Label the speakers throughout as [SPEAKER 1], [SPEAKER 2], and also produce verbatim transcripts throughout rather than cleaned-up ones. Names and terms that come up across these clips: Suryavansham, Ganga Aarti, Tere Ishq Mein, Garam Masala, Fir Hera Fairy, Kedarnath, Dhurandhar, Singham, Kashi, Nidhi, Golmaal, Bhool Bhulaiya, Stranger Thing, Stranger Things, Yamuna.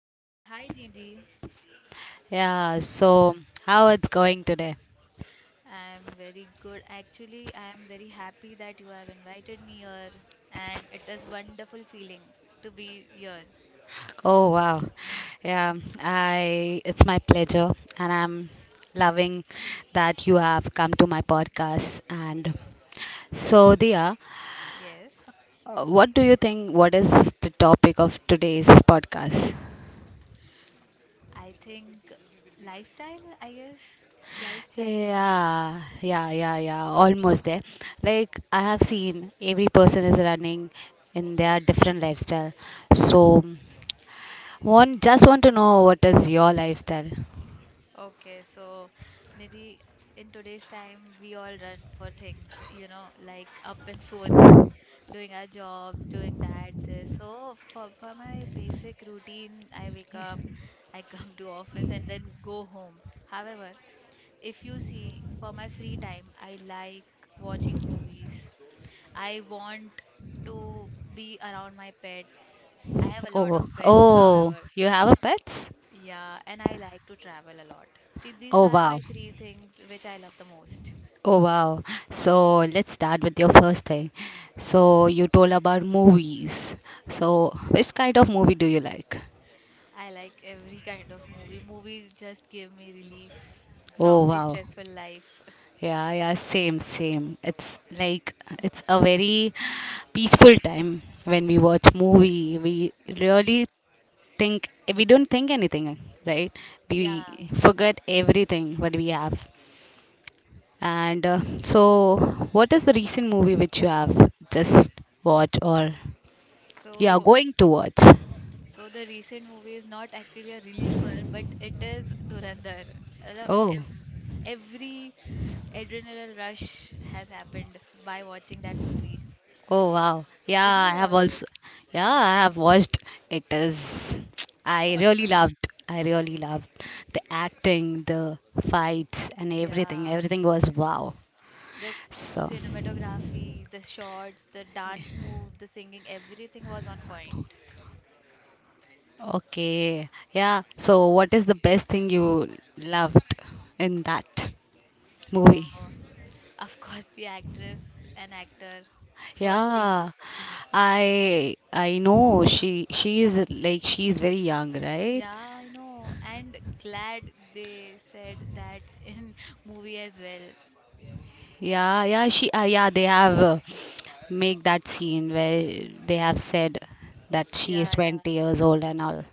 [SPEAKER 1] Hi, Nid- hi, Nidhi.
[SPEAKER 2] Yeah, so how it's going today?
[SPEAKER 1] I'm very good. Actually, I'm very happy that you have invited me here, and it is wonderful feeling to be here.
[SPEAKER 2] Oh wow, yeah, I it's my pleasure, and I'm loving that you have come to my podcast. And so, Dia,
[SPEAKER 1] Yes,
[SPEAKER 2] uh, what do you think? What is the topic of today's podcast?
[SPEAKER 1] I think lifestyle, I guess, lifestyle.
[SPEAKER 2] Yeah, yeah, yeah, yeah. Almost there. Like I have seen every person is running in their different lifestyle. So one just want to know what is your lifestyle.
[SPEAKER 1] Okay, so Nidhi, in today's time, we all run for things, you know, like up and forth. Doing our jobs, doing that, this. So for, for my basic routine, I wake up, I come to office and then go home. However, if you see for my free time, I like watching movies. I want to be around my pets. I have a lot of
[SPEAKER 2] Oh,
[SPEAKER 1] pets,
[SPEAKER 2] oh,
[SPEAKER 1] however.
[SPEAKER 2] you have a pets?
[SPEAKER 1] Yeah, and I like to travel a lot. See, these
[SPEAKER 2] Oh
[SPEAKER 1] are
[SPEAKER 2] wow.
[SPEAKER 1] my three things which I love the most.
[SPEAKER 2] Oh wow. So let's start with your first thing. So you told about movies. So which kind of movie do you like?
[SPEAKER 1] I like every kind of movie. Movies just give me relief
[SPEAKER 2] Oh
[SPEAKER 1] from the
[SPEAKER 2] wow.
[SPEAKER 1] stressful life.
[SPEAKER 2] Yeah, yeah, same, same. It's like it's a very peaceful time when we watch movie. We really think we don't think anything, right?
[SPEAKER 1] Yeah.
[SPEAKER 2] We forget everything what we have. And uh, so, what is the recent movie which you have just watched or you are
[SPEAKER 1] So
[SPEAKER 2] going to watch?
[SPEAKER 1] so the recent movie is not actually a reliever, but it is Dhurandhar. I love
[SPEAKER 2] Oh.
[SPEAKER 1] ev- Every adrenaline rush has happened by watching that movie.
[SPEAKER 2] Oh wow. Yeah,
[SPEAKER 1] Did you
[SPEAKER 2] I have
[SPEAKER 1] watch it?
[SPEAKER 2] also yeah, I have watched it is I really
[SPEAKER 1] Awesome.
[SPEAKER 2] loved I really loved the acting, the fights and everything.
[SPEAKER 1] Yeah.
[SPEAKER 2] Everything was wow.
[SPEAKER 1] The
[SPEAKER 2] So
[SPEAKER 1] cinematography, the shots, the dance move, the singing, everything was on point.
[SPEAKER 2] okay. Yeah. So what is the best thing you loved in that
[SPEAKER 1] So
[SPEAKER 2] movie?
[SPEAKER 1] Of course, the actress and actor, firstly.
[SPEAKER 2] Yeah. I I know she she is like she is very young, right?
[SPEAKER 1] Yeah, I know. And glad they said that in movie as well.
[SPEAKER 2] Yeah, yeah, she, uh, yeah, they have uh, make that scene where they have said that she is
[SPEAKER 1] Yeah, yeah.
[SPEAKER 2] twenty years old and all.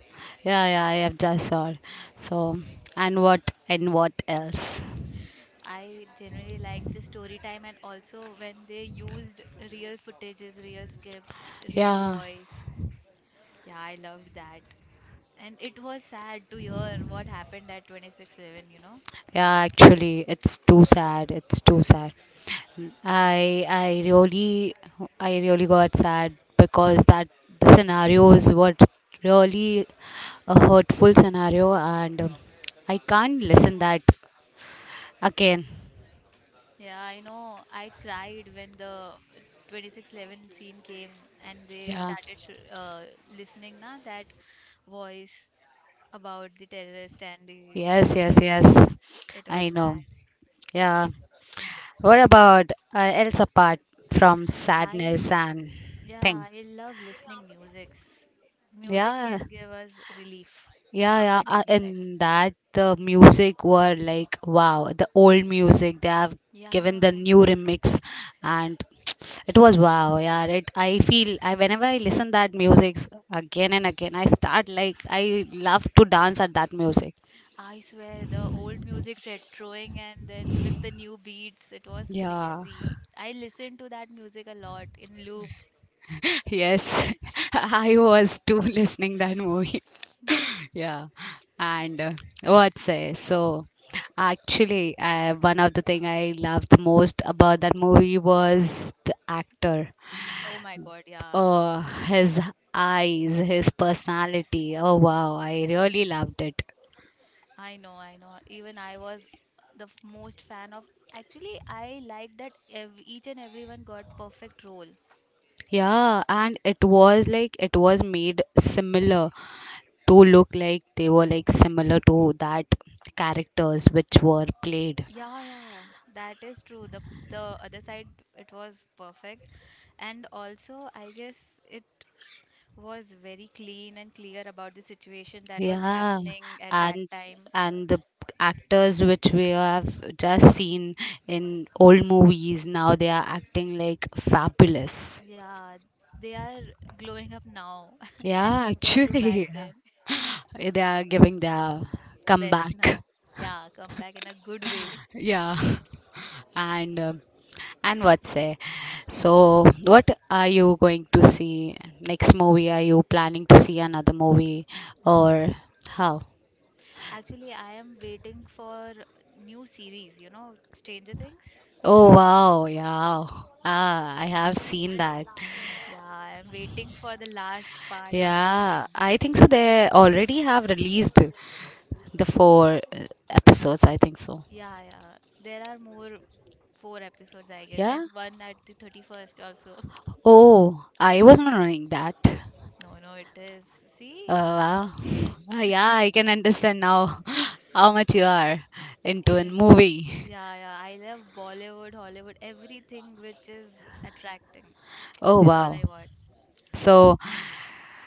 [SPEAKER 2] Yeah, yeah, I have just saw. So, and what, and what else?
[SPEAKER 1] I generally like the story time and also when they used real footages, real script, real
[SPEAKER 2] Yeah,
[SPEAKER 1] voice. Yeah, I loved that. And it was sad to hear what happened at twenty six eleven, you know?
[SPEAKER 2] yeah, actually, it's too sad. It's too sad. I, I really, I really got sad because that the scenarios were really a hurtful scenario and um, I can't listen that again.
[SPEAKER 1] Yeah, I know. I cried when the twenty six eleven scene came and they
[SPEAKER 2] Yeah.
[SPEAKER 1] started sh uh, listening na that voice about the terrorist and the
[SPEAKER 2] Yes,
[SPEAKER 1] oh,
[SPEAKER 2] yes, yes.
[SPEAKER 1] it was
[SPEAKER 2] I know.
[SPEAKER 1] sad.
[SPEAKER 2] Yeah. What about uh, else apart from sadness
[SPEAKER 1] I
[SPEAKER 2] and thing?
[SPEAKER 1] Yeah, I love listening musics. Music
[SPEAKER 2] Yeah.
[SPEAKER 1] can give us relief
[SPEAKER 2] Yeah,
[SPEAKER 1] from
[SPEAKER 2] yeah.
[SPEAKER 1] our
[SPEAKER 2] Uh,
[SPEAKER 1] daily life.
[SPEAKER 2] in that, the music were like, wow, the old music, they have given the
[SPEAKER 1] Yeah,
[SPEAKER 2] new remix and it was wow. Yeah, it I feel I whenever I listen that music again and again I start like I love to dance at that music.
[SPEAKER 1] I swear the old music retroing and then with the new beats, it was
[SPEAKER 2] Yeah.
[SPEAKER 1] crazy. I listened to that music a lot in loop.
[SPEAKER 2] Yes, I was too listening that movie. Yeah, and uh, what say? So actually, uh, one of the thing I loved most about that movie was the actor.
[SPEAKER 1] Oh my God, yeah.
[SPEAKER 2] Oh, his eyes, his personality. Oh wow, I really loved it.
[SPEAKER 1] I know, I know. Even I was the f- most fan of. Actually, I like that ev- each and everyone got perfect role.
[SPEAKER 2] Yeah, and it was like it was made similar to look like they were like similar to that characters which were played.
[SPEAKER 1] Yeah, yeah, that is true. The the other side, it was perfect, and also I guess it was very clean and clear about the situation that was
[SPEAKER 2] Yeah,
[SPEAKER 1] happening at that
[SPEAKER 2] and
[SPEAKER 1] time.
[SPEAKER 2] and the actors which we have just seen in old movies now they are acting like fabulous.
[SPEAKER 1] Yeah, they are glowing up now as
[SPEAKER 2] Yeah,
[SPEAKER 1] compared to back
[SPEAKER 2] actually,
[SPEAKER 1] then.
[SPEAKER 2] yeah, they are giving their
[SPEAKER 1] Best
[SPEAKER 2] comeback.
[SPEAKER 1] now. Yeah, come back in a good way.
[SPEAKER 2] Yeah, and um and what say? So, what are you going to see next movie? Are you planning to see another movie or how?
[SPEAKER 1] Actually, I am waiting for new series, you know, Stranger Things.
[SPEAKER 2] Oh wow, yeah. Ah, I have seen that.
[SPEAKER 1] Yeah, I am waiting for the last part of the
[SPEAKER 2] Yeah,
[SPEAKER 1] scene.
[SPEAKER 2] I think so. They already have released the four uh, episodes. I think so.
[SPEAKER 1] Yeah, yeah. There are more four episodes, I guess, and
[SPEAKER 2] Yeah.
[SPEAKER 1] one at the thirty-first also.
[SPEAKER 2] Oh, I was not knowing that.
[SPEAKER 1] No, no, it is.
[SPEAKER 2] Uh,
[SPEAKER 1] See,
[SPEAKER 2] wow. Ah, yeah, I can understand now how much you are into a
[SPEAKER 1] into
[SPEAKER 2] movie.
[SPEAKER 1] yeah, yeah. I love Bollywood, Hollywood, everything which is attracting
[SPEAKER 2] Oh
[SPEAKER 1] is all
[SPEAKER 2] wow.
[SPEAKER 1] I want.
[SPEAKER 2] So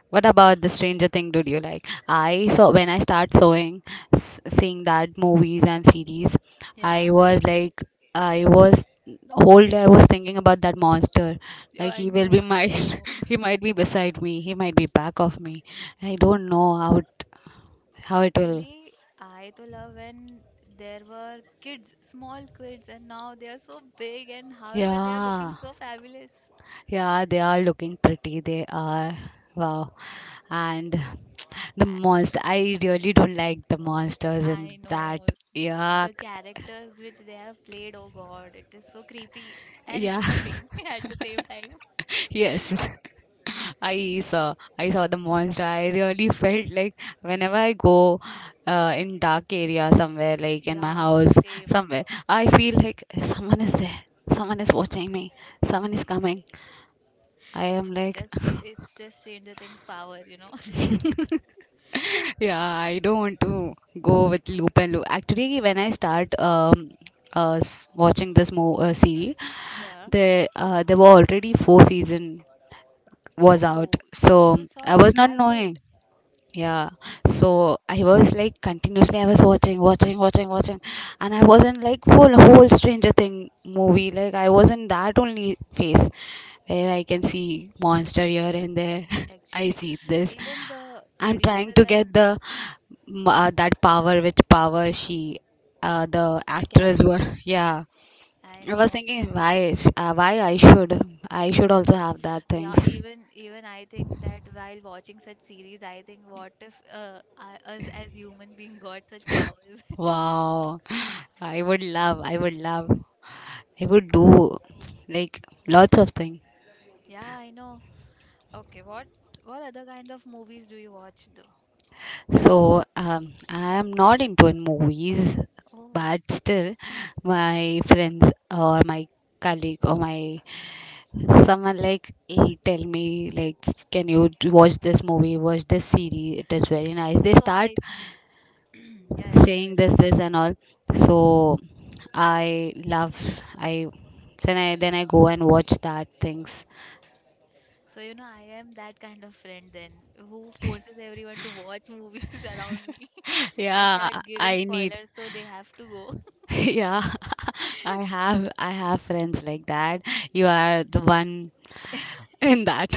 [SPEAKER 2] what about the Stranger Thing? Did you like? I saw when I start sewing, s- seeing that movies and series, I
[SPEAKER 1] Yeah.
[SPEAKER 2] was like, I was whole day I was thinking about that monster.
[SPEAKER 1] Yeah,
[SPEAKER 2] Like
[SPEAKER 1] I
[SPEAKER 2] he will
[SPEAKER 1] know,
[SPEAKER 2] be
[SPEAKER 1] I
[SPEAKER 2] my,
[SPEAKER 1] know.
[SPEAKER 2] he might be beside me, he might be back of me. I don't know how it, how it will.
[SPEAKER 1] Actually, I to love when there were kids, small kids, and now they are so big, and however, they are looking
[SPEAKER 2] Yeah,
[SPEAKER 1] so fabulous.
[SPEAKER 2] yeah, they are looking pretty. They are wow, and the
[SPEAKER 1] I,
[SPEAKER 2] monster. I really don't like the monsters
[SPEAKER 1] I
[SPEAKER 2] in that.
[SPEAKER 1] know
[SPEAKER 2] Yuck.
[SPEAKER 1] the characters which they have played. Oh God, it is so creepy and
[SPEAKER 2] Yeah,
[SPEAKER 1] interesting at the same time.
[SPEAKER 2] yes. I saw I saw the monster. I really felt like whenever I go uh, in dark area somewhere, like in my
[SPEAKER 1] Yeah,
[SPEAKER 2] house
[SPEAKER 1] same.
[SPEAKER 2] somewhere, I feel like someone is there. Someone is watching me. Someone is coming. I am
[SPEAKER 1] It's
[SPEAKER 2] like,
[SPEAKER 1] just it's just Stranger Things power, you know.
[SPEAKER 2] yeah, I don't want to go with loop and loop. Actually, when I start um, uh, s- watching this mo- uh, series,
[SPEAKER 1] Yeah.
[SPEAKER 2] there uh, there were already four season was out,
[SPEAKER 1] Oh,
[SPEAKER 2] so
[SPEAKER 1] you saw
[SPEAKER 2] I
[SPEAKER 1] it
[SPEAKER 2] was not
[SPEAKER 1] that
[SPEAKER 2] knowing.
[SPEAKER 1] late,
[SPEAKER 2] Yeah, so I was like continuously I was watching watching watching watching, and I wasn't like full whole stranger thing movie, like I wasn't that only face where I can see monster here and there. I
[SPEAKER 1] actually.
[SPEAKER 2] see this,
[SPEAKER 1] Even the
[SPEAKER 2] I'm trying
[SPEAKER 1] producers
[SPEAKER 2] to
[SPEAKER 1] and
[SPEAKER 2] get the m- uh, that power, which power she uh, the
[SPEAKER 1] the
[SPEAKER 2] actress were.
[SPEAKER 1] character.
[SPEAKER 2] yeah,
[SPEAKER 1] I
[SPEAKER 2] I was
[SPEAKER 1] know.
[SPEAKER 2] thinking why if- uh, why i should I should also have that
[SPEAKER 1] Yeah,
[SPEAKER 2] things.
[SPEAKER 1] even even I think that while watching such series, I think what if uh, I- us as human being got such powers?
[SPEAKER 2] Wow, i would love I would love he would do like lots of things.
[SPEAKER 1] Yeah, I know. Okay, what what other kind of movies do you watch though?
[SPEAKER 2] So um, I am not into in movies,
[SPEAKER 1] Oh,
[SPEAKER 2] but still, my friends or my colleague or my someone like will tell me like can you d- watch this movie, watch this series, it is very nice. They
[SPEAKER 1] so
[SPEAKER 2] start
[SPEAKER 1] I yeah, yeah, sorry
[SPEAKER 2] saying this
[SPEAKER 1] sorry.
[SPEAKER 2] this and all, so I love I then i then I go and watch that things.
[SPEAKER 1] So you know I am that kind of friend then who forces everyone to watch movies around me. I
[SPEAKER 2] yeah,
[SPEAKER 1] start giving
[SPEAKER 2] I need.
[SPEAKER 1] spoilers so they have to go.
[SPEAKER 2] yeah, I have i have friends like that. You are the one in that.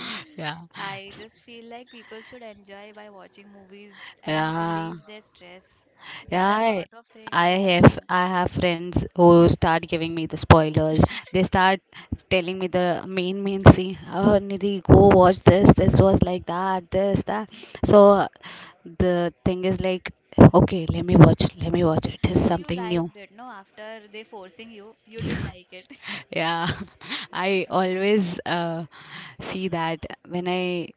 [SPEAKER 2] yeah,
[SPEAKER 1] I just feel like people should enjoy by watching movies and
[SPEAKER 2] yeah,
[SPEAKER 1] relieve their stress.
[SPEAKER 2] yeah,
[SPEAKER 1] There are a
[SPEAKER 2] I,
[SPEAKER 1] lot of
[SPEAKER 2] I
[SPEAKER 1] things
[SPEAKER 2] have
[SPEAKER 1] happening.
[SPEAKER 2] i have friends who start giving me the spoilers. They start telling me the main main scene. Oh Nidhi, go watch this, this was like that, this that. So the thing is like, okay, let me watch let me watch, it is
[SPEAKER 1] So you
[SPEAKER 2] something new.
[SPEAKER 1] liked it, no? After they forcing you, you did like it.
[SPEAKER 2] Yeah, I always uh, see that when I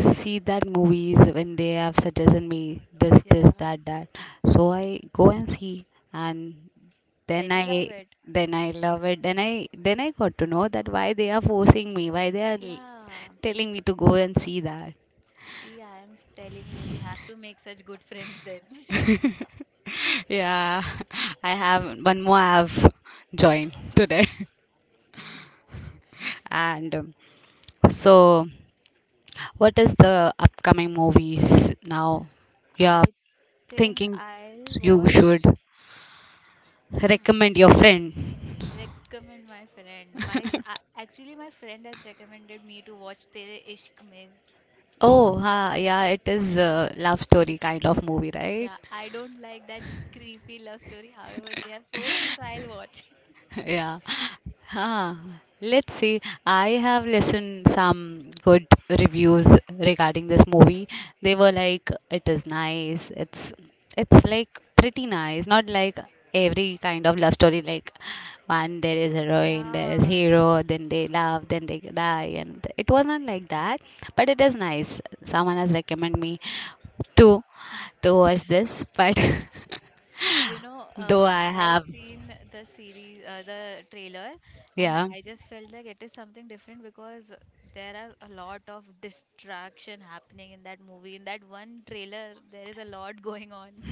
[SPEAKER 2] see that movies when they have suggested me this,
[SPEAKER 1] Yeah.
[SPEAKER 2] this, that, that. So I go and see, and
[SPEAKER 1] Then
[SPEAKER 2] then
[SPEAKER 1] you love
[SPEAKER 2] I
[SPEAKER 1] it.
[SPEAKER 2] then I love it. Then I then I got to know that why they are forcing me, why they are l-
[SPEAKER 1] Yeah.
[SPEAKER 2] telling me to go and see that.
[SPEAKER 1] See, I am s- telling you, you have to make such good friends then.
[SPEAKER 2] Yeah, I have one more, I have joined today, and um, so. What is the upcoming movies now you are
[SPEAKER 1] I think
[SPEAKER 2] thinking
[SPEAKER 1] I'll
[SPEAKER 2] you
[SPEAKER 1] watch.
[SPEAKER 2] should
[SPEAKER 1] Hmm.
[SPEAKER 2] recommend your friend?
[SPEAKER 1] Recommend my friend. My a- actually, my friend has recommended me to watch Tere Ishq Mein.
[SPEAKER 2] Oh, ha, yeah, it is a love story kind of movie, right?
[SPEAKER 1] Yeah, I don't like that creepy love story. However, they have forced me, so I'll watch.
[SPEAKER 2] Yeah. Huh. Let's see. I have listened some good reviews regarding this movie. They were like it is nice. It's it's like pretty nice. Not like every kind of love story, like one there is heroine, there is
[SPEAKER 1] Yeah.
[SPEAKER 2] hero, then they love, then they die, and it was not like that. But it is nice. Someone has recommended me to to watch this, but
[SPEAKER 1] You know,
[SPEAKER 2] though
[SPEAKER 1] uh,
[SPEAKER 2] I
[SPEAKER 1] I have
[SPEAKER 2] have,
[SPEAKER 1] seen the series, uh, the trailer, and
[SPEAKER 2] yeah.
[SPEAKER 1] I just felt like it is something different because there are a lot of distraction happening in that movie. In that one trailer, there is a lot going on.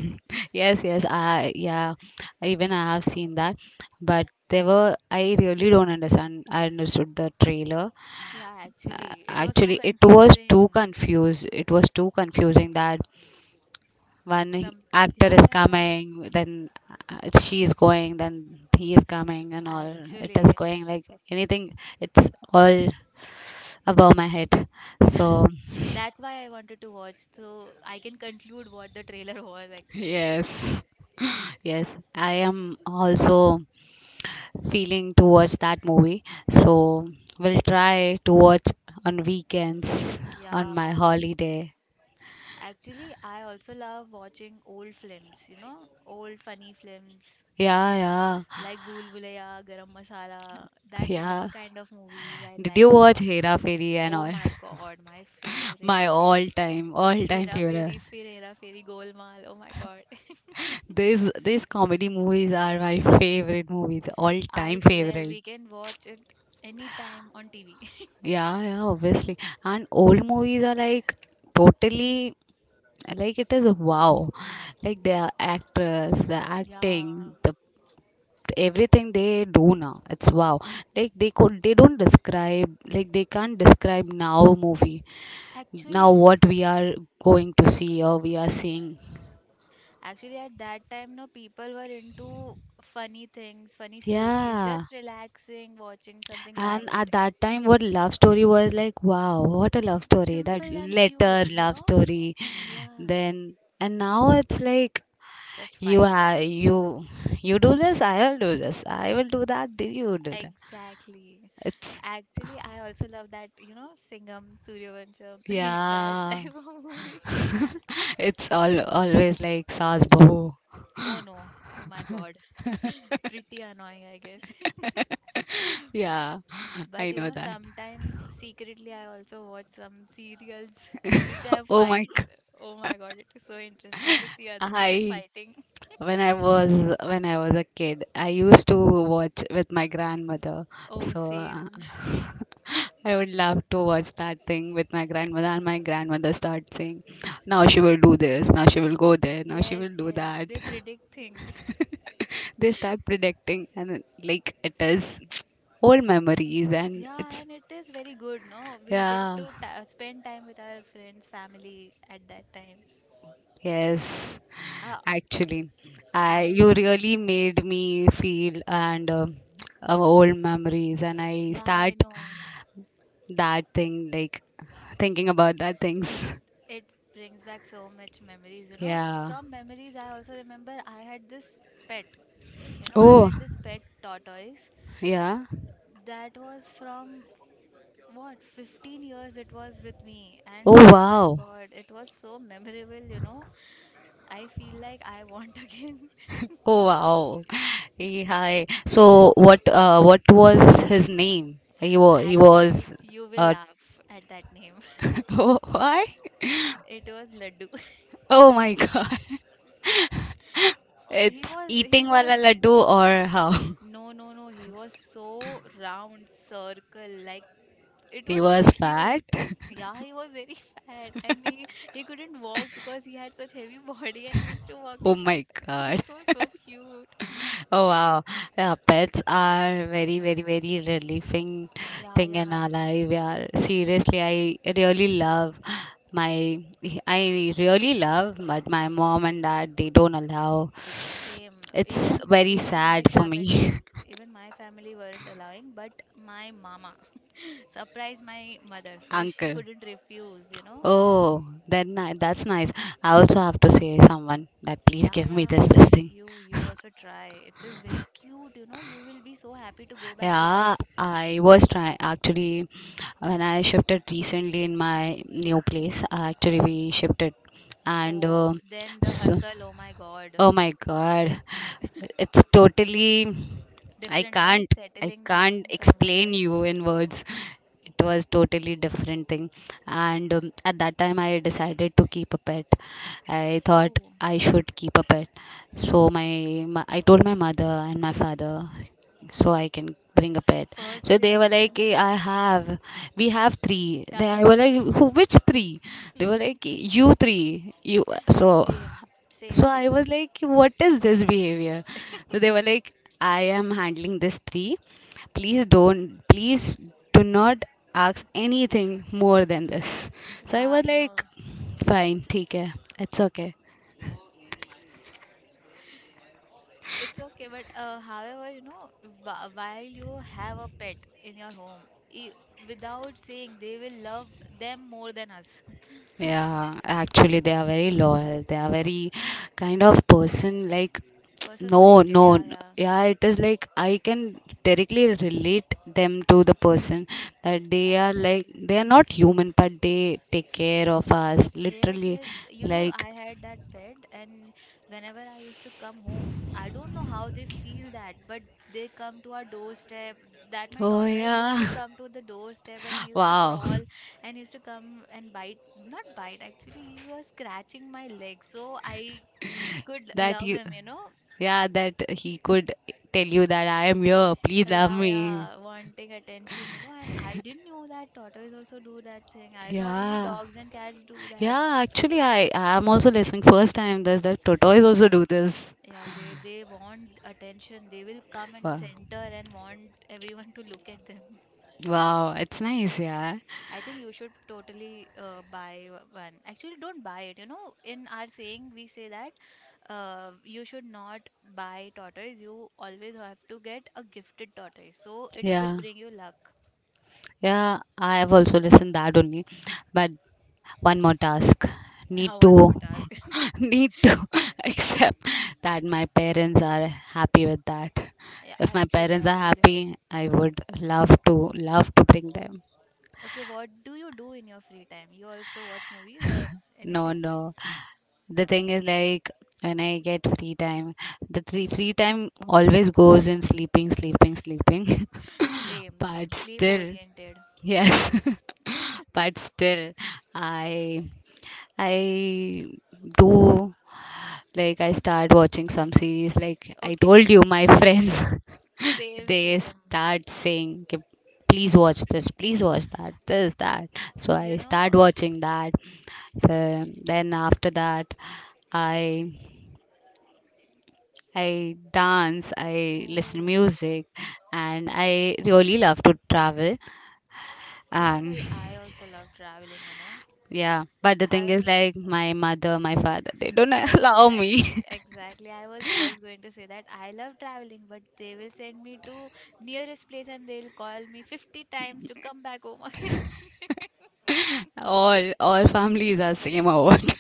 [SPEAKER 2] Yes, yes, I, yeah, even I have seen that, but they were I really don't understand. I understood the trailer.
[SPEAKER 1] Yeah,
[SPEAKER 2] Uh,
[SPEAKER 1] actually, it was so
[SPEAKER 2] actually, it was too
[SPEAKER 1] confusing.
[SPEAKER 2] confused. It was too confusing that one he-
[SPEAKER 1] Some,
[SPEAKER 2] actor
[SPEAKER 1] yeah,
[SPEAKER 2] is
[SPEAKER 1] yeah,
[SPEAKER 2] coming, then uh, she is going, then he is coming, and all. It is
[SPEAKER 1] actually,
[SPEAKER 2] going like anything. It's all above my head. So
[SPEAKER 1] that's why I wanted to watch so I can conclude what the trailer was actually.
[SPEAKER 2] yes, yes, I am also feeling towards that movie. So we'll try to watch on weekends, on
[SPEAKER 1] Yeah,
[SPEAKER 2] my holiday.
[SPEAKER 1] actually, I also love watching old films, you know, old funny films
[SPEAKER 2] Yeah, yeah,
[SPEAKER 1] like Bhool Bhulaiya, Garam Masala, that that
[SPEAKER 2] yeah.
[SPEAKER 1] kind of movies I
[SPEAKER 2] Did you
[SPEAKER 1] like to
[SPEAKER 2] watch
[SPEAKER 1] watch.
[SPEAKER 2] Hera Fairy and
[SPEAKER 1] Oh
[SPEAKER 2] all?
[SPEAKER 1] my God, my
[SPEAKER 2] My
[SPEAKER 1] favorite.
[SPEAKER 2] all-time, all-time
[SPEAKER 1] Hera
[SPEAKER 2] favorite.
[SPEAKER 1] Fairy, Fir Hera Fairy, Golmaal. Oh my God.
[SPEAKER 2] These these comedy movies are my favorite movies,
[SPEAKER 1] I
[SPEAKER 2] all-time
[SPEAKER 1] swear
[SPEAKER 2] favorite.
[SPEAKER 1] we can watch it anytime on T V.
[SPEAKER 2] Yeah, yeah, obviously. And old movies are like totally like it is wow. Like their actors, the
[SPEAKER 1] Yeah,
[SPEAKER 2] acting, the everything they do now it's wow. Like they could they don't describe, like they can't describe now movie now
[SPEAKER 1] actually.
[SPEAKER 2] what we are going to see or we are seeing.
[SPEAKER 1] Actually, at that time, no, people were into funny things, funny stories,
[SPEAKER 2] Yeah,
[SPEAKER 1] just relaxing, watching something
[SPEAKER 2] and
[SPEAKER 1] light,
[SPEAKER 2] at that time what love story was like, wow, what a love story, that
[SPEAKER 1] simple and
[SPEAKER 2] letter
[SPEAKER 1] cute, you
[SPEAKER 2] love
[SPEAKER 1] know?
[SPEAKER 2] story.
[SPEAKER 1] Yeah,
[SPEAKER 2] Then and now it's like
[SPEAKER 1] just
[SPEAKER 2] you
[SPEAKER 1] fight.
[SPEAKER 2] have you you do this, I'll do this, I will do that, do you do that.
[SPEAKER 1] Exactly.
[SPEAKER 2] It's
[SPEAKER 1] Actually, I also love that, you know, Singham, Suryavansham, that
[SPEAKER 2] yeah.
[SPEAKER 1] type of movie.
[SPEAKER 2] It's all always like saas bahu.
[SPEAKER 1] Oh no, oh my God. Pretty annoying, I guess.
[SPEAKER 2] Yeah,
[SPEAKER 1] But
[SPEAKER 2] I
[SPEAKER 1] you
[SPEAKER 2] know
[SPEAKER 1] know,
[SPEAKER 2] that.
[SPEAKER 1] sometimes secretly I also watch some serials which have
[SPEAKER 2] Oh my
[SPEAKER 1] fights.
[SPEAKER 2] god.
[SPEAKER 1] Oh my God, it is so interesting to see other people
[SPEAKER 2] I
[SPEAKER 1] fighting.
[SPEAKER 2] when I was when I was a kid, I used to watch with my grandmother.
[SPEAKER 1] Oh,
[SPEAKER 2] So uh,
[SPEAKER 1] same.
[SPEAKER 2] I would love to watch that thing with my grandmother, and my grandmother starts saying, "Now she will do this, now she will go there, now she
[SPEAKER 1] Yes,
[SPEAKER 2] will do
[SPEAKER 1] yes.
[SPEAKER 2] that."
[SPEAKER 1] They predict things.
[SPEAKER 2] They start predicting and it- like it is old memories and
[SPEAKER 1] Yeah,
[SPEAKER 2] it's
[SPEAKER 1] and it is very good, no? We get
[SPEAKER 2] yeah.
[SPEAKER 1] to ta spend time with our friends, family at that time.
[SPEAKER 2] Yes,
[SPEAKER 1] Uh, up-
[SPEAKER 2] actually, I you
[SPEAKER 1] I,
[SPEAKER 2] really made me feel and uh, of old memories, and I
[SPEAKER 1] yeah, I
[SPEAKER 2] start
[SPEAKER 1] know.
[SPEAKER 2] that thing like thinking about that things.
[SPEAKER 1] It brings back so much memories, you know.
[SPEAKER 2] Yeah.
[SPEAKER 1] From memories, I also remember I had this pet. You know, I
[SPEAKER 2] Oh,
[SPEAKER 1] had this pet tortoise it-
[SPEAKER 2] yeah.
[SPEAKER 1] that was from what fifteen years it was with me, and
[SPEAKER 2] Oh
[SPEAKER 1] oh my
[SPEAKER 2] wow.
[SPEAKER 1] god, it was so memorable. You know, I feel like I want again.
[SPEAKER 2] Oh wow. Hey, hi. So what? Uh, what was his name? He was. He
[SPEAKER 1] Actually,
[SPEAKER 2] was.
[SPEAKER 1] you will
[SPEAKER 2] Uh,
[SPEAKER 1] laugh at that name.
[SPEAKER 2] oh, why?
[SPEAKER 1] It was Laddu.
[SPEAKER 2] Oh my God.
[SPEAKER 1] He
[SPEAKER 2] It's
[SPEAKER 1] was, he
[SPEAKER 2] eating wala
[SPEAKER 1] was,
[SPEAKER 2] laddu or how?
[SPEAKER 1] no, no, no, he was so round, circle, like it
[SPEAKER 2] He
[SPEAKER 1] was so
[SPEAKER 2] was fat.
[SPEAKER 1] cute. Yeah, he was very fat and he he couldn't walk because he had such heavy body and he used to walk
[SPEAKER 2] Oh
[SPEAKER 1] like
[SPEAKER 2] my
[SPEAKER 1] tuck.
[SPEAKER 2] God.
[SPEAKER 1] It was so cute.
[SPEAKER 2] Oh wow. Yeah, pets are very,
[SPEAKER 1] Um,
[SPEAKER 2] very, very relieving
[SPEAKER 1] Yeah,
[SPEAKER 2] thing
[SPEAKER 1] yeah.
[SPEAKER 2] in our life. Yeah, seriously, I really love my, I really love, but my mom and dad, they don't allow.
[SPEAKER 1] Same.
[SPEAKER 2] It's
[SPEAKER 1] Even
[SPEAKER 2] very
[SPEAKER 1] even my
[SPEAKER 2] sad for me,
[SPEAKER 1] family even my family weren't allowing, but my mama surprised my mother, so she
[SPEAKER 2] uncle.
[SPEAKER 1] couldn't refuse, you know.
[SPEAKER 2] Oh, then I, that's nice. I also have to say someone that please
[SPEAKER 1] Yeah,
[SPEAKER 2] give me this
[SPEAKER 1] yeah.
[SPEAKER 2] this thing.
[SPEAKER 1] You you also try. It is very cute, you know. You will be so happy to go back
[SPEAKER 2] Yeah,
[SPEAKER 1] home.
[SPEAKER 2] I was trying actually when I shifted recently in my new place. Actually, we shifted, and uh,
[SPEAKER 1] Oh, then the
[SPEAKER 2] so,
[SPEAKER 1] hustle, oh my God.
[SPEAKER 2] oh my god, it's totally. I
[SPEAKER 1] Different, no?
[SPEAKER 2] can't. I
[SPEAKER 1] Settling
[SPEAKER 2] can't
[SPEAKER 1] down somewhere
[SPEAKER 2] explain
[SPEAKER 1] else.
[SPEAKER 2] you in words. It was totally different thing, and um, at that time I decided to keep a pet. I thought
[SPEAKER 1] Oh,
[SPEAKER 2] I should keep a pet, so my, my I told my mother and my father so I can bring a pet.
[SPEAKER 1] first
[SPEAKER 2] So they were like,
[SPEAKER 1] reaction
[SPEAKER 2] "Eh,
[SPEAKER 1] is
[SPEAKER 2] I have, we have three."
[SPEAKER 1] yeah,
[SPEAKER 2] Then I was
[SPEAKER 1] exactly.
[SPEAKER 2] like, "Who, which three?" They were like, "You three, you." So,
[SPEAKER 1] Same,
[SPEAKER 2] so
[SPEAKER 1] same,
[SPEAKER 2] I
[SPEAKER 1] same.
[SPEAKER 2] was like, what is this behavior? So they were like, I am handling this three. Please
[SPEAKER 1] Y-
[SPEAKER 2] don't, please do not ask anything more than this. So I
[SPEAKER 1] Yeah,
[SPEAKER 2] was
[SPEAKER 1] I
[SPEAKER 2] like,
[SPEAKER 1] know.
[SPEAKER 2] fine, take care, it's okay.
[SPEAKER 1] It's okay, but uh, however, you know, b- while you have a pet in your home, I without saying, they will love them more than us.
[SPEAKER 2] Yeah, actually, they are very loyal. They are very kind of person like,
[SPEAKER 1] Person
[SPEAKER 2] no,
[SPEAKER 1] oriented,
[SPEAKER 2] no,
[SPEAKER 1] yeah,
[SPEAKER 2] no.
[SPEAKER 1] yeah,
[SPEAKER 2] Yeah, it is like I can directly relate them to the person that they are like,
[SPEAKER 1] exactly.
[SPEAKER 2] they are not human, but they take care of us.
[SPEAKER 1] Yes,
[SPEAKER 2] Literally,
[SPEAKER 1] yes. th- You know,
[SPEAKER 2] like,
[SPEAKER 1] I had that pet, and whenever I used to come home, I don't know how they feel that, but they come to our doorstep. That my
[SPEAKER 2] oh,
[SPEAKER 1] tortoise used
[SPEAKER 2] yeah,
[SPEAKER 1] to come to the doorstep, and he used to
[SPEAKER 2] wow,
[SPEAKER 1] crawl, and used to come and bite. Not bite, actually, he was scratching my leg, so I could
[SPEAKER 2] that
[SPEAKER 1] love
[SPEAKER 2] you,
[SPEAKER 1] him. You know,
[SPEAKER 2] yeah, that he could tell you that I am here, please love
[SPEAKER 1] yeah,
[SPEAKER 2] me.
[SPEAKER 1] yeah, wanting attention. You know, and I didn't know that tortoise also do that thing. I thought only
[SPEAKER 2] Yeah.
[SPEAKER 1] dogs and cats do that.
[SPEAKER 2] Yeah, actually, I I am also listening first time. Does that tortoise also
[SPEAKER 1] No,
[SPEAKER 2] do this?
[SPEAKER 1] Yeah, they they want attention. They will come and
[SPEAKER 2] Wow,
[SPEAKER 1] center and want everyone to look at them.
[SPEAKER 2] wow, it's nice. Yeah,
[SPEAKER 1] I think you should totally uh, buy o- one. Actually, don't buy it. You know, in our saying, we say that uh, you should not buy tortoise. You always have to get a gifted tortoise. So it will
[SPEAKER 2] yeah,
[SPEAKER 1] bring you luck.
[SPEAKER 2] yeah. I have also listened that only, but one more task need
[SPEAKER 1] Uh,
[SPEAKER 2] to
[SPEAKER 1] one more task.
[SPEAKER 2] need to accept that my parents are happy with that.
[SPEAKER 1] Yeah,
[SPEAKER 2] If my
[SPEAKER 1] actually,
[SPEAKER 2] parents are
[SPEAKER 1] actually.
[SPEAKER 2] happy, I would love to love to bring them.
[SPEAKER 1] Okay, what do you do in your free time? You also watch movies or
[SPEAKER 2] No,
[SPEAKER 1] anything?
[SPEAKER 2] no. The thing is like when I get free time, the free free time always goes in sleeping, sleeping, sleeping.
[SPEAKER 1] Same, same.
[SPEAKER 2] But
[SPEAKER 1] Sleep
[SPEAKER 2] still,
[SPEAKER 1] oriented.
[SPEAKER 2] yes. But still, I I do like I start watching some series like I
[SPEAKER 1] Okay,
[SPEAKER 2] told you my friends
[SPEAKER 1] same,
[SPEAKER 2] they
[SPEAKER 1] same.
[SPEAKER 2] start saying, "Okay, please watch this, please watch that, this that." So
[SPEAKER 1] You
[SPEAKER 2] I
[SPEAKER 1] know,
[SPEAKER 2] start watching that. Uh, then after that, i i dance, I listen
[SPEAKER 1] oh,
[SPEAKER 2] music, and I really love to travel. um
[SPEAKER 1] travel. I also love traveling, you know.
[SPEAKER 2] yeah, but the thing
[SPEAKER 1] I
[SPEAKER 2] is like my mother, my father, they don't allow me.
[SPEAKER 1] Exactly, exactly. I was just going to say that I love traveling, but they will send me to nearest place and they will call me fifty times to come back home again.
[SPEAKER 2] all all families are same or what?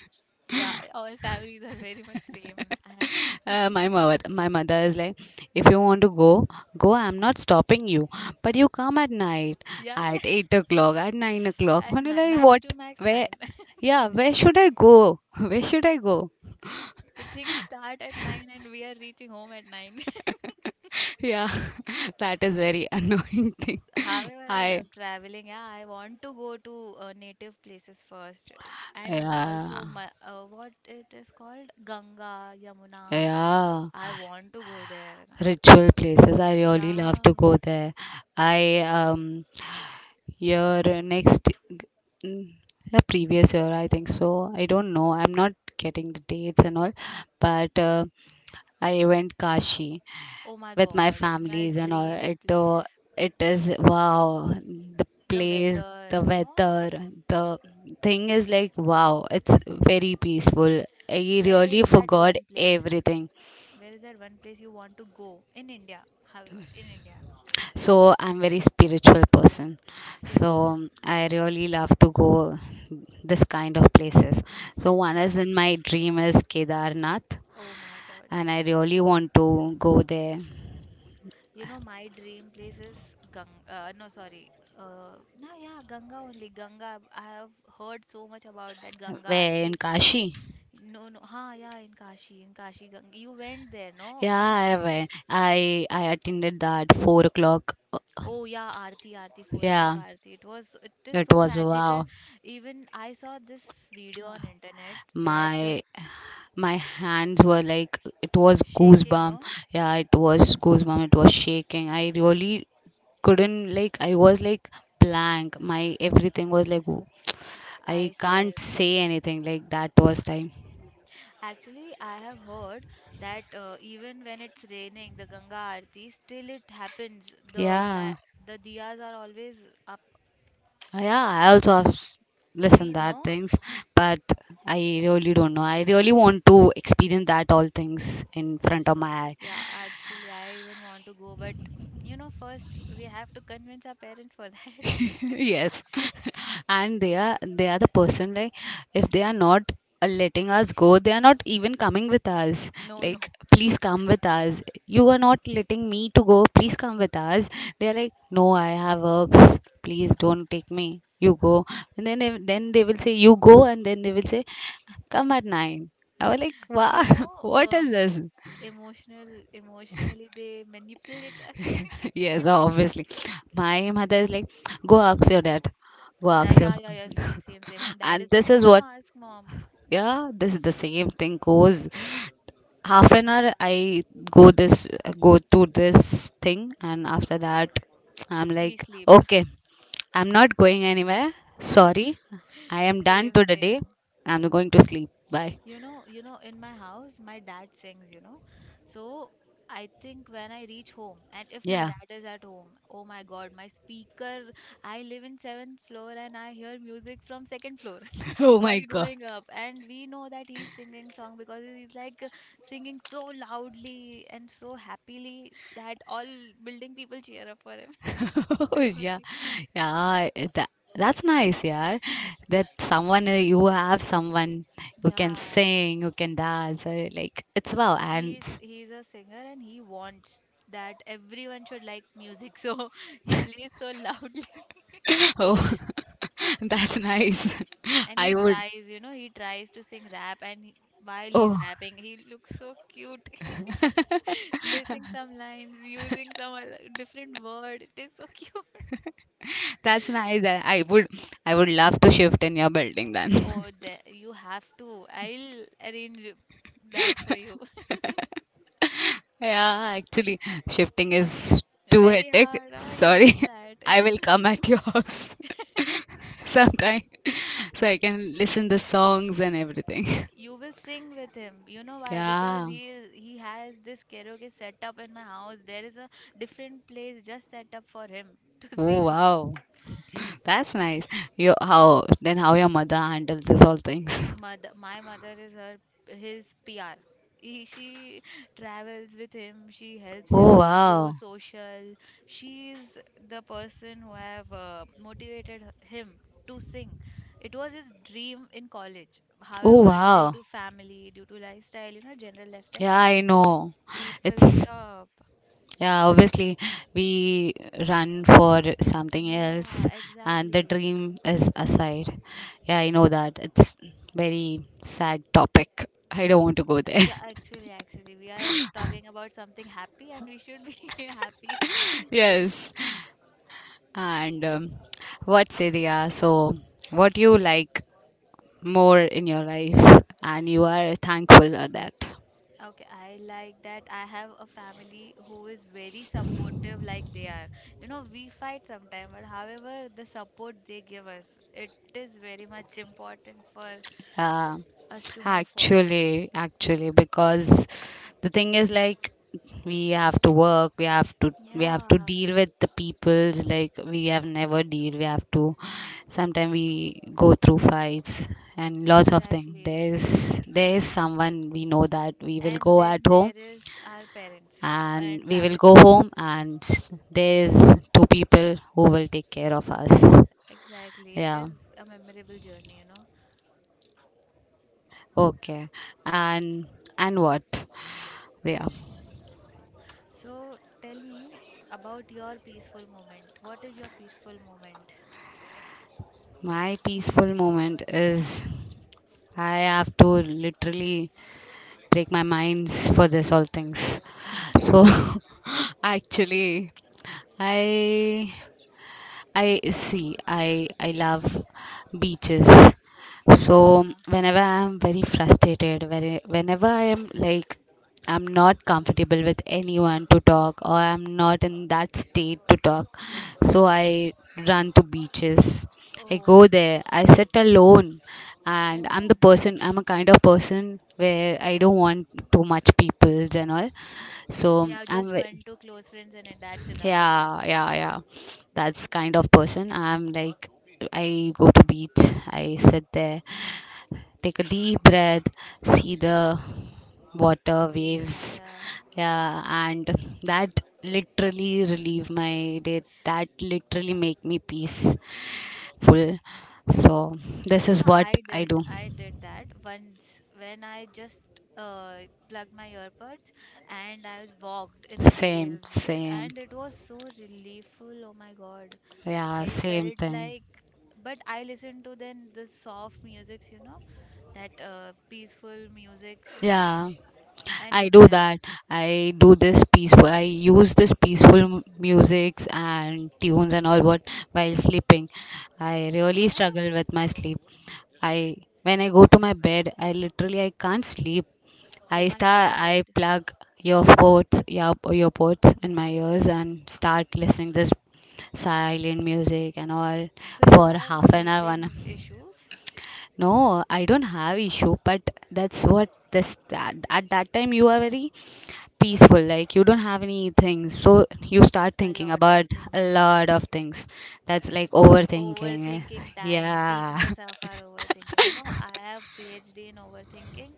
[SPEAKER 1] Yeah, our families are very much same. I-
[SPEAKER 2] Uh, my mother, my mother is like, if you want to go, go. I'm not stopping you, but you come at night,
[SPEAKER 1] Yeah, yeah.
[SPEAKER 2] at eight o'clock, at nine o'clock.
[SPEAKER 1] At
[SPEAKER 2] I'm
[SPEAKER 1] nine,
[SPEAKER 2] like,
[SPEAKER 1] max
[SPEAKER 2] what?
[SPEAKER 1] to max
[SPEAKER 2] Where?
[SPEAKER 1] nine.
[SPEAKER 2] Yeah, where should I go? Where should I go?
[SPEAKER 1] The things start at nine and we are reaching home at nine.
[SPEAKER 2] Yeah, that is very annoying thing.
[SPEAKER 1] However, I
[SPEAKER 2] I,
[SPEAKER 1] love traveling. Yeah, I want to go to uh, native places first, and
[SPEAKER 2] yeah,
[SPEAKER 1] also my uh, what it is called Ganga, Yamuna.
[SPEAKER 2] yeah.
[SPEAKER 1] I want to go there.
[SPEAKER 2] Ritual places. I really love to
[SPEAKER 1] Yeah.
[SPEAKER 2] go there. I um year next mm, yeah, previous year I think so. I don't know. I'm not getting the dates and all, but uh, I went Kashi
[SPEAKER 1] Oh my
[SPEAKER 2] with my
[SPEAKER 1] God, it's my
[SPEAKER 2] families and all.
[SPEAKER 1] dream
[SPEAKER 2] It
[SPEAKER 1] place.
[SPEAKER 2] uh, it is wow. The
[SPEAKER 1] The
[SPEAKER 2] place, the
[SPEAKER 1] weather, no?
[SPEAKER 2] weather, the thing is like wow. It's very peaceful. I
[SPEAKER 1] Where
[SPEAKER 2] really
[SPEAKER 1] is that
[SPEAKER 2] forgot
[SPEAKER 1] one place?
[SPEAKER 2] everything.
[SPEAKER 1] Where is that one place you want to go in India? However, in India,
[SPEAKER 2] So I'm very spiritual person, so
[SPEAKER 1] same, same.
[SPEAKER 2] I really love to go this kind of places. So one
[SPEAKER 1] Yeah.
[SPEAKER 2] is in my dream is Kedarnath,
[SPEAKER 1] Oh my God.
[SPEAKER 2] and I really want to go there.
[SPEAKER 1] You know, my dream place is Gang. Uh, no, sorry. Uh, no, yeah, Ganga only. Ganga. I have heard so much about that Ganga
[SPEAKER 2] Where? In
[SPEAKER 1] Aarti.
[SPEAKER 2] Kashi?
[SPEAKER 1] No, no. Ha, yeah, in Kashi, in Kashi Ganga. You went there, no? You. have.
[SPEAKER 2] Yeah, I went, i i attended that four o'clock.
[SPEAKER 1] Oh yeah, Aarti, Aarti, four o'clock
[SPEAKER 2] Yeah,
[SPEAKER 1] Aarti. It was. It is
[SPEAKER 2] it
[SPEAKER 1] so
[SPEAKER 2] was
[SPEAKER 1] magical.
[SPEAKER 2] wow.
[SPEAKER 1] Even I saw this video on internet that uh,
[SPEAKER 2] My my hands were like it was
[SPEAKER 1] shaking,
[SPEAKER 2] goosebump.
[SPEAKER 1] no?
[SPEAKER 2] Yeah, it was goosebump, it was shaking. I really couldn't, like, I was like blank, my everything was like w-,
[SPEAKER 1] I
[SPEAKER 2] I
[SPEAKER 1] swear.
[SPEAKER 2] can't say anything, like that was time.
[SPEAKER 1] Actually, I have heard that uh, even when it's raining, the Ganga Aarti still it happens. The la
[SPEAKER 2] Yeah,
[SPEAKER 1] the diyas are always up.
[SPEAKER 2] yeah, I also have s-
[SPEAKER 1] See,
[SPEAKER 2] listened that
[SPEAKER 1] no?
[SPEAKER 2] things, but I really don't know, I really want to experience that all things in front of my.
[SPEAKER 1] Yeah, actually, I even want to go, but you know, first we have to convince our parents for that.
[SPEAKER 2] Yes. And they are, they are the person like if they are not uh, letting us go, they are not even coming with us.
[SPEAKER 1] No, no.
[SPEAKER 2] Like, please come with us, you are not letting me to go, please come with us. They are like, no, I have works, please don't take me, you go. And then they- then they will say you go, and then they will say come at nine. I was like, wow.
[SPEAKER 1] You know,
[SPEAKER 2] What is
[SPEAKER 1] um,
[SPEAKER 2] this?
[SPEAKER 1] emotional, emotionally they manipulate us.
[SPEAKER 2] Yes, obviously. My mother is like, go ask your dad. Go
[SPEAKER 1] Uh,
[SPEAKER 2] ask your.
[SPEAKER 1] yeah, yeah, yeah. Same, same, same. And dad
[SPEAKER 2] And
[SPEAKER 1] is like,
[SPEAKER 2] this
[SPEAKER 1] no,
[SPEAKER 2] is
[SPEAKER 1] no,
[SPEAKER 2] what,
[SPEAKER 1] ask mom.
[SPEAKER 2] yeah, this is the same thing goes. Half an hour, I go this, go to this thing, and after that, I'm
[SPEAKER 1] We
[SPEAKER 2] like,
[SPEAKER 1] sleep.
[SPEAKER 2] okay, I'm not going anywhere. Sorry, I am done to
[SPEAKER 1] Same,
[SPEAKER 2] the
[SPEAKER 1] same.
[SPEAKER 2] day. I'm going to sleep. Bye.
[SPEAKER 1] You know, you know, in my house, my dad sings, you know. So I think when I reach home, and if my
[SPEAKER 2] Yeah.
[SPEAKER 1] dad is at home, oh my God, my speaker, I live in seventh floor and I hear music from second floor
[SPEAKER 2] Oh my
[SPEAKER 1] while
[SPEAKER 2] god.
[SPEAKER 1] going up. And we know that he's singing song because he's like singing so loudly and so happily that all building people cheer up for him. It
[SPEAKER 2] Oh
[SPEAKER 1] is so
[SPEAKER 2] yeah,
[SPEAKER 1] cute.
[SPEAKER 2] yeah. eh, That, that's nice, yeah. That someone uh, you have someone who can
[SPEAKER 1] Yeah,
[SPEAKER 2] sing, who can dance. uh, Like it's wow, and
[SPEAKER 1] he's
[SPEAKER 2] s-.
[SPEAKER 1] he's a singer and he wants that everyone should like music, so he plays so loudly
[SPEAKER 2] Oh, that's nice.
[SPEAKER 1] and
[SPEAKER 2] I
[SPEAKER 1] he
[SPEAKER 2] would.
[SPEAKER 1] tries, you know, he tries to sing rap and he- while he's
[SPEAKER 2] Oh,
[SPEAKER 1] rapping he looks so cute, missing some lines, using some al- different word. It is so cute.
[SPEAKER 2] that's nice. I I would. I would love to shift in your building
[SPEAKER 1] Oh,
[SPEAKER 2] then.
[SPEAKER 1] the, you have to, I'll arrange that for you.
[SPEAKER 2] Yeah, actually, shifting is too
[SPEAKER 1] Very
[SPEAKER 2] hectic.
[SPEAKER 1] hard, ah, you
[SPEAKER 2] Sorry,
[SPEAKER 1] did that.
[SPEAKER 2] I will come at your house sometime so I can listen the songs and everything.
[SPEAKER 1] You will sing with him. You know why? Because
[SPEAKER 2] Yeah.
[SPEAKER 1] he is, he has this karaoke set up in my house. There is a different place just set up for him to
[SPEAKER 2] Oh
[SPEAKER 1] sing.
[SPEAKER 2] wow, that's nice. Your how then how your mother handles this all things?
[SPEAKER 1] Mother, my mother is her his P R. He, she travels with him. She helps him
[SPEAKER 2] Oh
[SPEAKER 1] go
[SPEAKER 2] wow,
[SPEAKER 1] social. She is the person who have uh, motivated h- him to sing. It was his dream in college.
[SPEAKER 2] oh
[SPEAKER 1] However, due
[SPEAKER 2] wow.
[SPEAKER 1] to family, due to lifestyle, you know, general lifestyle,
[SPEAKER 2] Yeah, I know.
[SPEAKER 1] people
[SPEAKER 2] It's
[SPEAKER 1] stop.
[SPEAKER 2] yeah. Obviously, we run for something
[SPEAKER 1] Yeah,
[SPEAKER 2] else, and the
[SPEAKER 1] exactly.
[SPEAKER 2] dream is aside. Yeah, I know that. It's very sad topic. I don't want to go there.
[SPEAKER 1] Yeah, actually, actually, we are talking about something happy and we should be happy.
[SPEAKER 2] Yes, and um, what say they are? So, what you like more in your life and you are thankful for that?
[SPEAKER 1] Okay, I like that. I have a family who is very supportive, like they are. You know, we fight sometimes, but however, the support they give us, it is very much important for
[SPEAKER 2] Yeah,
[SPEAKER 1] us to move forward.
[SPEAKER 2] actually, actually, because the thing is like we have to work, we have to, we have to
[SPEAKER 1] Yeah,
[SPEAKER 2] deal with the peoples, like we have never deal, we have to sometimes we go through fights and lots of things.
[SPEAKER 1] exactly.
[SPEAKER 2] there's there's someone we know that we will
[SPEAKER 1] And
[SPEAKER 2] go at
[SPEAKER 1] then there
[SPEAKER 2] home
[SPEAKER 1] is our parents
[SPEAKER 2] and
[SPEAKER 1] and
[SPEAKER 2] we will go
[SPEAKER 1] family.
[SPEAKER 2] home, and there's two people who will take care of us.
[SPEAKER 1] Ex exactly. It
[SPEAKER 2] Yeah.
[SPEAKER 1] is a memorable journey, you know.
[SPEAKER 2] Okay. And and what? Yeah.
[SPEAKER 1] So tell me about your peaceful moment. What is your peaceful moment?
[SPEAKER 2] My peaceful moment is I have to literally break my minds for this all things. So actually, I I see. I I love beaches. So
[SPEAKER 1] Yeah.
[SPEAKER 2] whenever I am very frustrated, very, whenever I am like I'm not comfortable with anyone to talk, or I'm not in that state to talk,
[SPEAKER 1] Hmm.
[SPEAKER 2] so I run to beaches. I
[SPEAKER 1] Oh,
[SPEAKER 2] go there. I sit alone, and I'm the
[SPEAKER 1] alone.
[SPEAKER 2] person. I'm a kind of person where I don't want too much peoples and all. So
[SPEAKER 1] Yeah,
[SPEAKER 2] I'm
[SPEAKER 1] just
[SPEAKER 2] ve-,
[SPEAKER 1] one, two close friends, and it- that's enough, you know.
[SPEAKER 2] yeah, yeah, yeah. That's kind of person. I'm like, I go to beach, I sit there, take a deep breath, see the water
[SPEAKER 1] Waves,
[SPEAKER 2] waves.
[SPEAKER 1] yeah.
[SPEAKER 2] Yeah, and that literally relieve my day. That literally make me peaceful. So this
[SPEAKER 1] You
[SPEAKER 2] is
[SPEAKER 1] know,
[SPEAKER 2] what
[SPEAKER 1] I
[SPEAKER 2] I
[SPEAKER 1] did,
[SPEAKER 2] do.
[SPEAKER 1] I did that once when I just uh plugged my earbuds and I was walked in the
[SPEAKER 2] Same,
[SPEAKER 1] waves,
[SPEAKER 2] same.
[SPEAKER 1] and it was so reliefful. Oh my God.
[SPEAKER 2] Yeah,
[SPEAKER 1] I
[SPEAKER 2] same
[SPEAKER 1] felt
[SPEAKER 2] thing.
[SPEAKER 1] like, but I listened to then the soft musics, you know, that uh, peaceful musics,
[SPEAKER 2] Yeah.
[SPEAKER 1] and
[SPEAKER 2] I
[SPEAKER 1] it
[SPEAKER 2] do
[SPEAKER 1] helps.
[SPEAKER 2] that. I do this peaceful. I use this peaceful m- musics and tunes and all what while sleeping. I really
[SPEAKER 1] Why?
[SPEAKER 2] struggle with my sleep. I when I go to my bed, I literally I can't sleep. I
[SPEAKER 1] Oh my
[SPEAKER 2] start.
[SPEAKER 1] God.
[SPEAKER 2] I plug earpods, ear earpods in my ears and start listening this silent music and all
[SPEAKER 1] So you
[SPEAKER 2] for
[SPEAKER 1] have
[SPEAKER 2] half an hour. One,
[SPEAKER 1] sleeping issues,
[SPEAKER 2] no, I don't have issue, but that's what this that, at that time you are very peaceful, like you don't have any things, so you start
[SPEAKER 1] a
[SPEAKER 2] thinking
[SPEAKER 1] lot of
[SPEAKER 2] about a
[SPEAKER 1] thinking,
[SPEAKER 2] lot of things. That's like overthinking.
[SPEAKER 1] overthinking time,
[SPEAKER 2] Yeah.
[SPEAKER 1] peakness of our overthinking. You know, I have PhD in overthinking,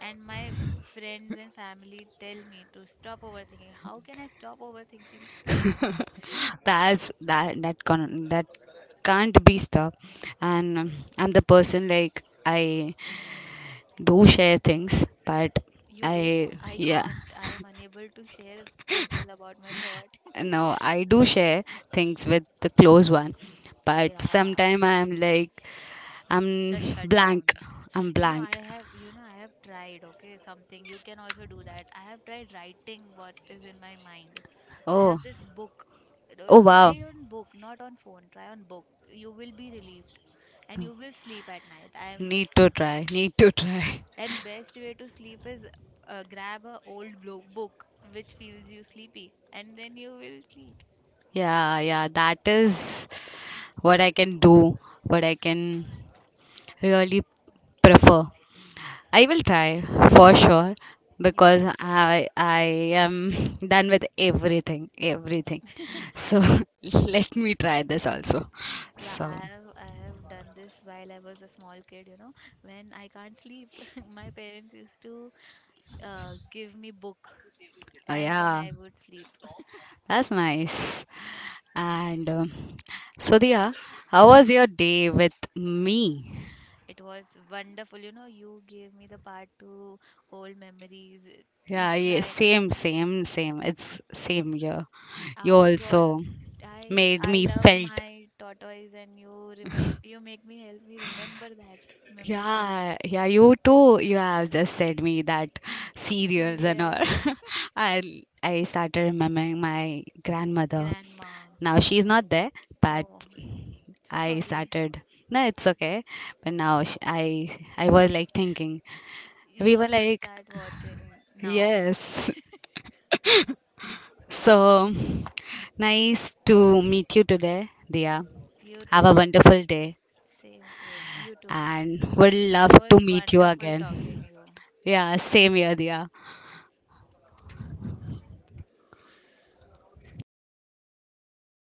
[SPEAKER 1] and my friends and family tell me to stop overthinking. How can I stop overthinking?
[SPEAKER 2] That's that, that can, that can't be stopped. And um, I'm the person like I do share things but
[SPEAKER 1] You do?
[SPEAKER 2] I,
[SPEAKER 1] I
[SPEAKER 2] yeah,
[SPEAKER 1] can't. I am unable to share people about my thought.
[SPEAKER 2] no, I do share things with the close one, but
[SPEAKER 1] Yeah,
[SPEAKER 2] sometime
[SPEAKER 1] true,
[SPEAKER 2] I'm
[SPEAKER 1] true.
[SPEAKER 2] like I'm
[SPEAKER 1] Just shut
[SPEAKER 2] blank
[SPEAKER 1] down.
[SPEAKER 2] I'm
[SPEAKER 1] You know, I
[SPEAKER 2] blank.
[SPEAKER 1] have, you know, I have tried, okay, something. You can also do that. I have tried writing what is in my mind. I
[SPEAKER 2] Oh,
[SPEAKER 1] have this book. Uh,
[SPEAKER 2] oh wow.
[SPEAKER 1] Try on book, not on phone. Try on book. You will be relieved and you will sleep at night. I am
[SPEAKER 2] Need
[SPEAKER 1] saying
[SPEAKER 2] to
[SPEAKER 1] you.
[SPEAKER 2] try. Need to try.
[SPEAKER 1] And best way to sleep is uh, grab a old blo- book which feels you sleepy and then you will sleep.
[SPEAKER 2] Yeah, yeah. That is what I can do. What I can really prefer. I will try for sure
[SPEAKER 1] You
[SPEAKER 2] because
[SPEAKER 1] have to.
[SPEAKER 2] I I am done with everything, everything. So let me try this also.
[SPEAKER 1] Yeah,
[SPEAKER 2] So
[SPEAKER 1] I have I have done this while I was a small kid, you know. When I can't sleep, my parents used to uh, give me book
[SPEAKER 2] uh,
[SPEAKER 1] and then
[SPEAKER 2] yeah,
[SPEAKER 1] I would sleep.
[SPEAKER 2] that's nice. And um, Sudhya, how was
[SPEAKER 1] Yes.
[SPEAKER 2] your day with me?
[SPEAKER 1] It was wonderful, you know. You gave me the part to old memories. uh, l-
[SPEAKER 2] Yeah, yeah,
[SPEAKER 1] Trying,
[SPEAKER 2] same, same, same. It's same year. You
[SPEAKER 1] I got.
[SPEAKER 2] also
[SPEAKER 1] I
[SPEAKER 2] made
[SPEAKER 1] I
[SPEAKER 2] me
[SPEAKER 1] love
[SPEAKER 2] felt.
[SPEAKER 1] my tortoise and you remember you make me help me remember that memory.
[SPEAKER 2] Yeah, yeah, you too. You have just said me that cereals and all.
[SPEAKER 1] Cereal,
[SPEAKER 2] I I started remembering my grandmother.
[SPEAKER 1] grandma.
[SPEAKER 2] Now she's not there, but
[SPEAKER 1] Oh, so
[SPEAKER 2] I
[SPEAKER 1] sorry.
[SPEAKER 2] started. No, it's okay. But now sh I I was like thinking.
[SPEAKER 1] You
[SPEAKER 2] We were
[SPEAKER 1] also
[SPEAKER 2] like,
[SPEAKER 1] start watching now.
[SPEAKER 2] yes. So nice to meet you today, Dia.
[SPEAKER 1] You too,
[SPEAKER 2] Have a
[SPEAKER 1] ma'am.
[SPEAKER 2] wonderful day
[SPEAKER 1] Same, same. You too.
[SPEAKER 2] and would love
[SPEAKER 1] It was
[SPEAKER 2] to meet you
[SPEAKER 1] wonderful talking
[SPEAKER 2] again.
[SPEAKER 1] you.
[SPEAKER 2] Yeah, same here, Dia.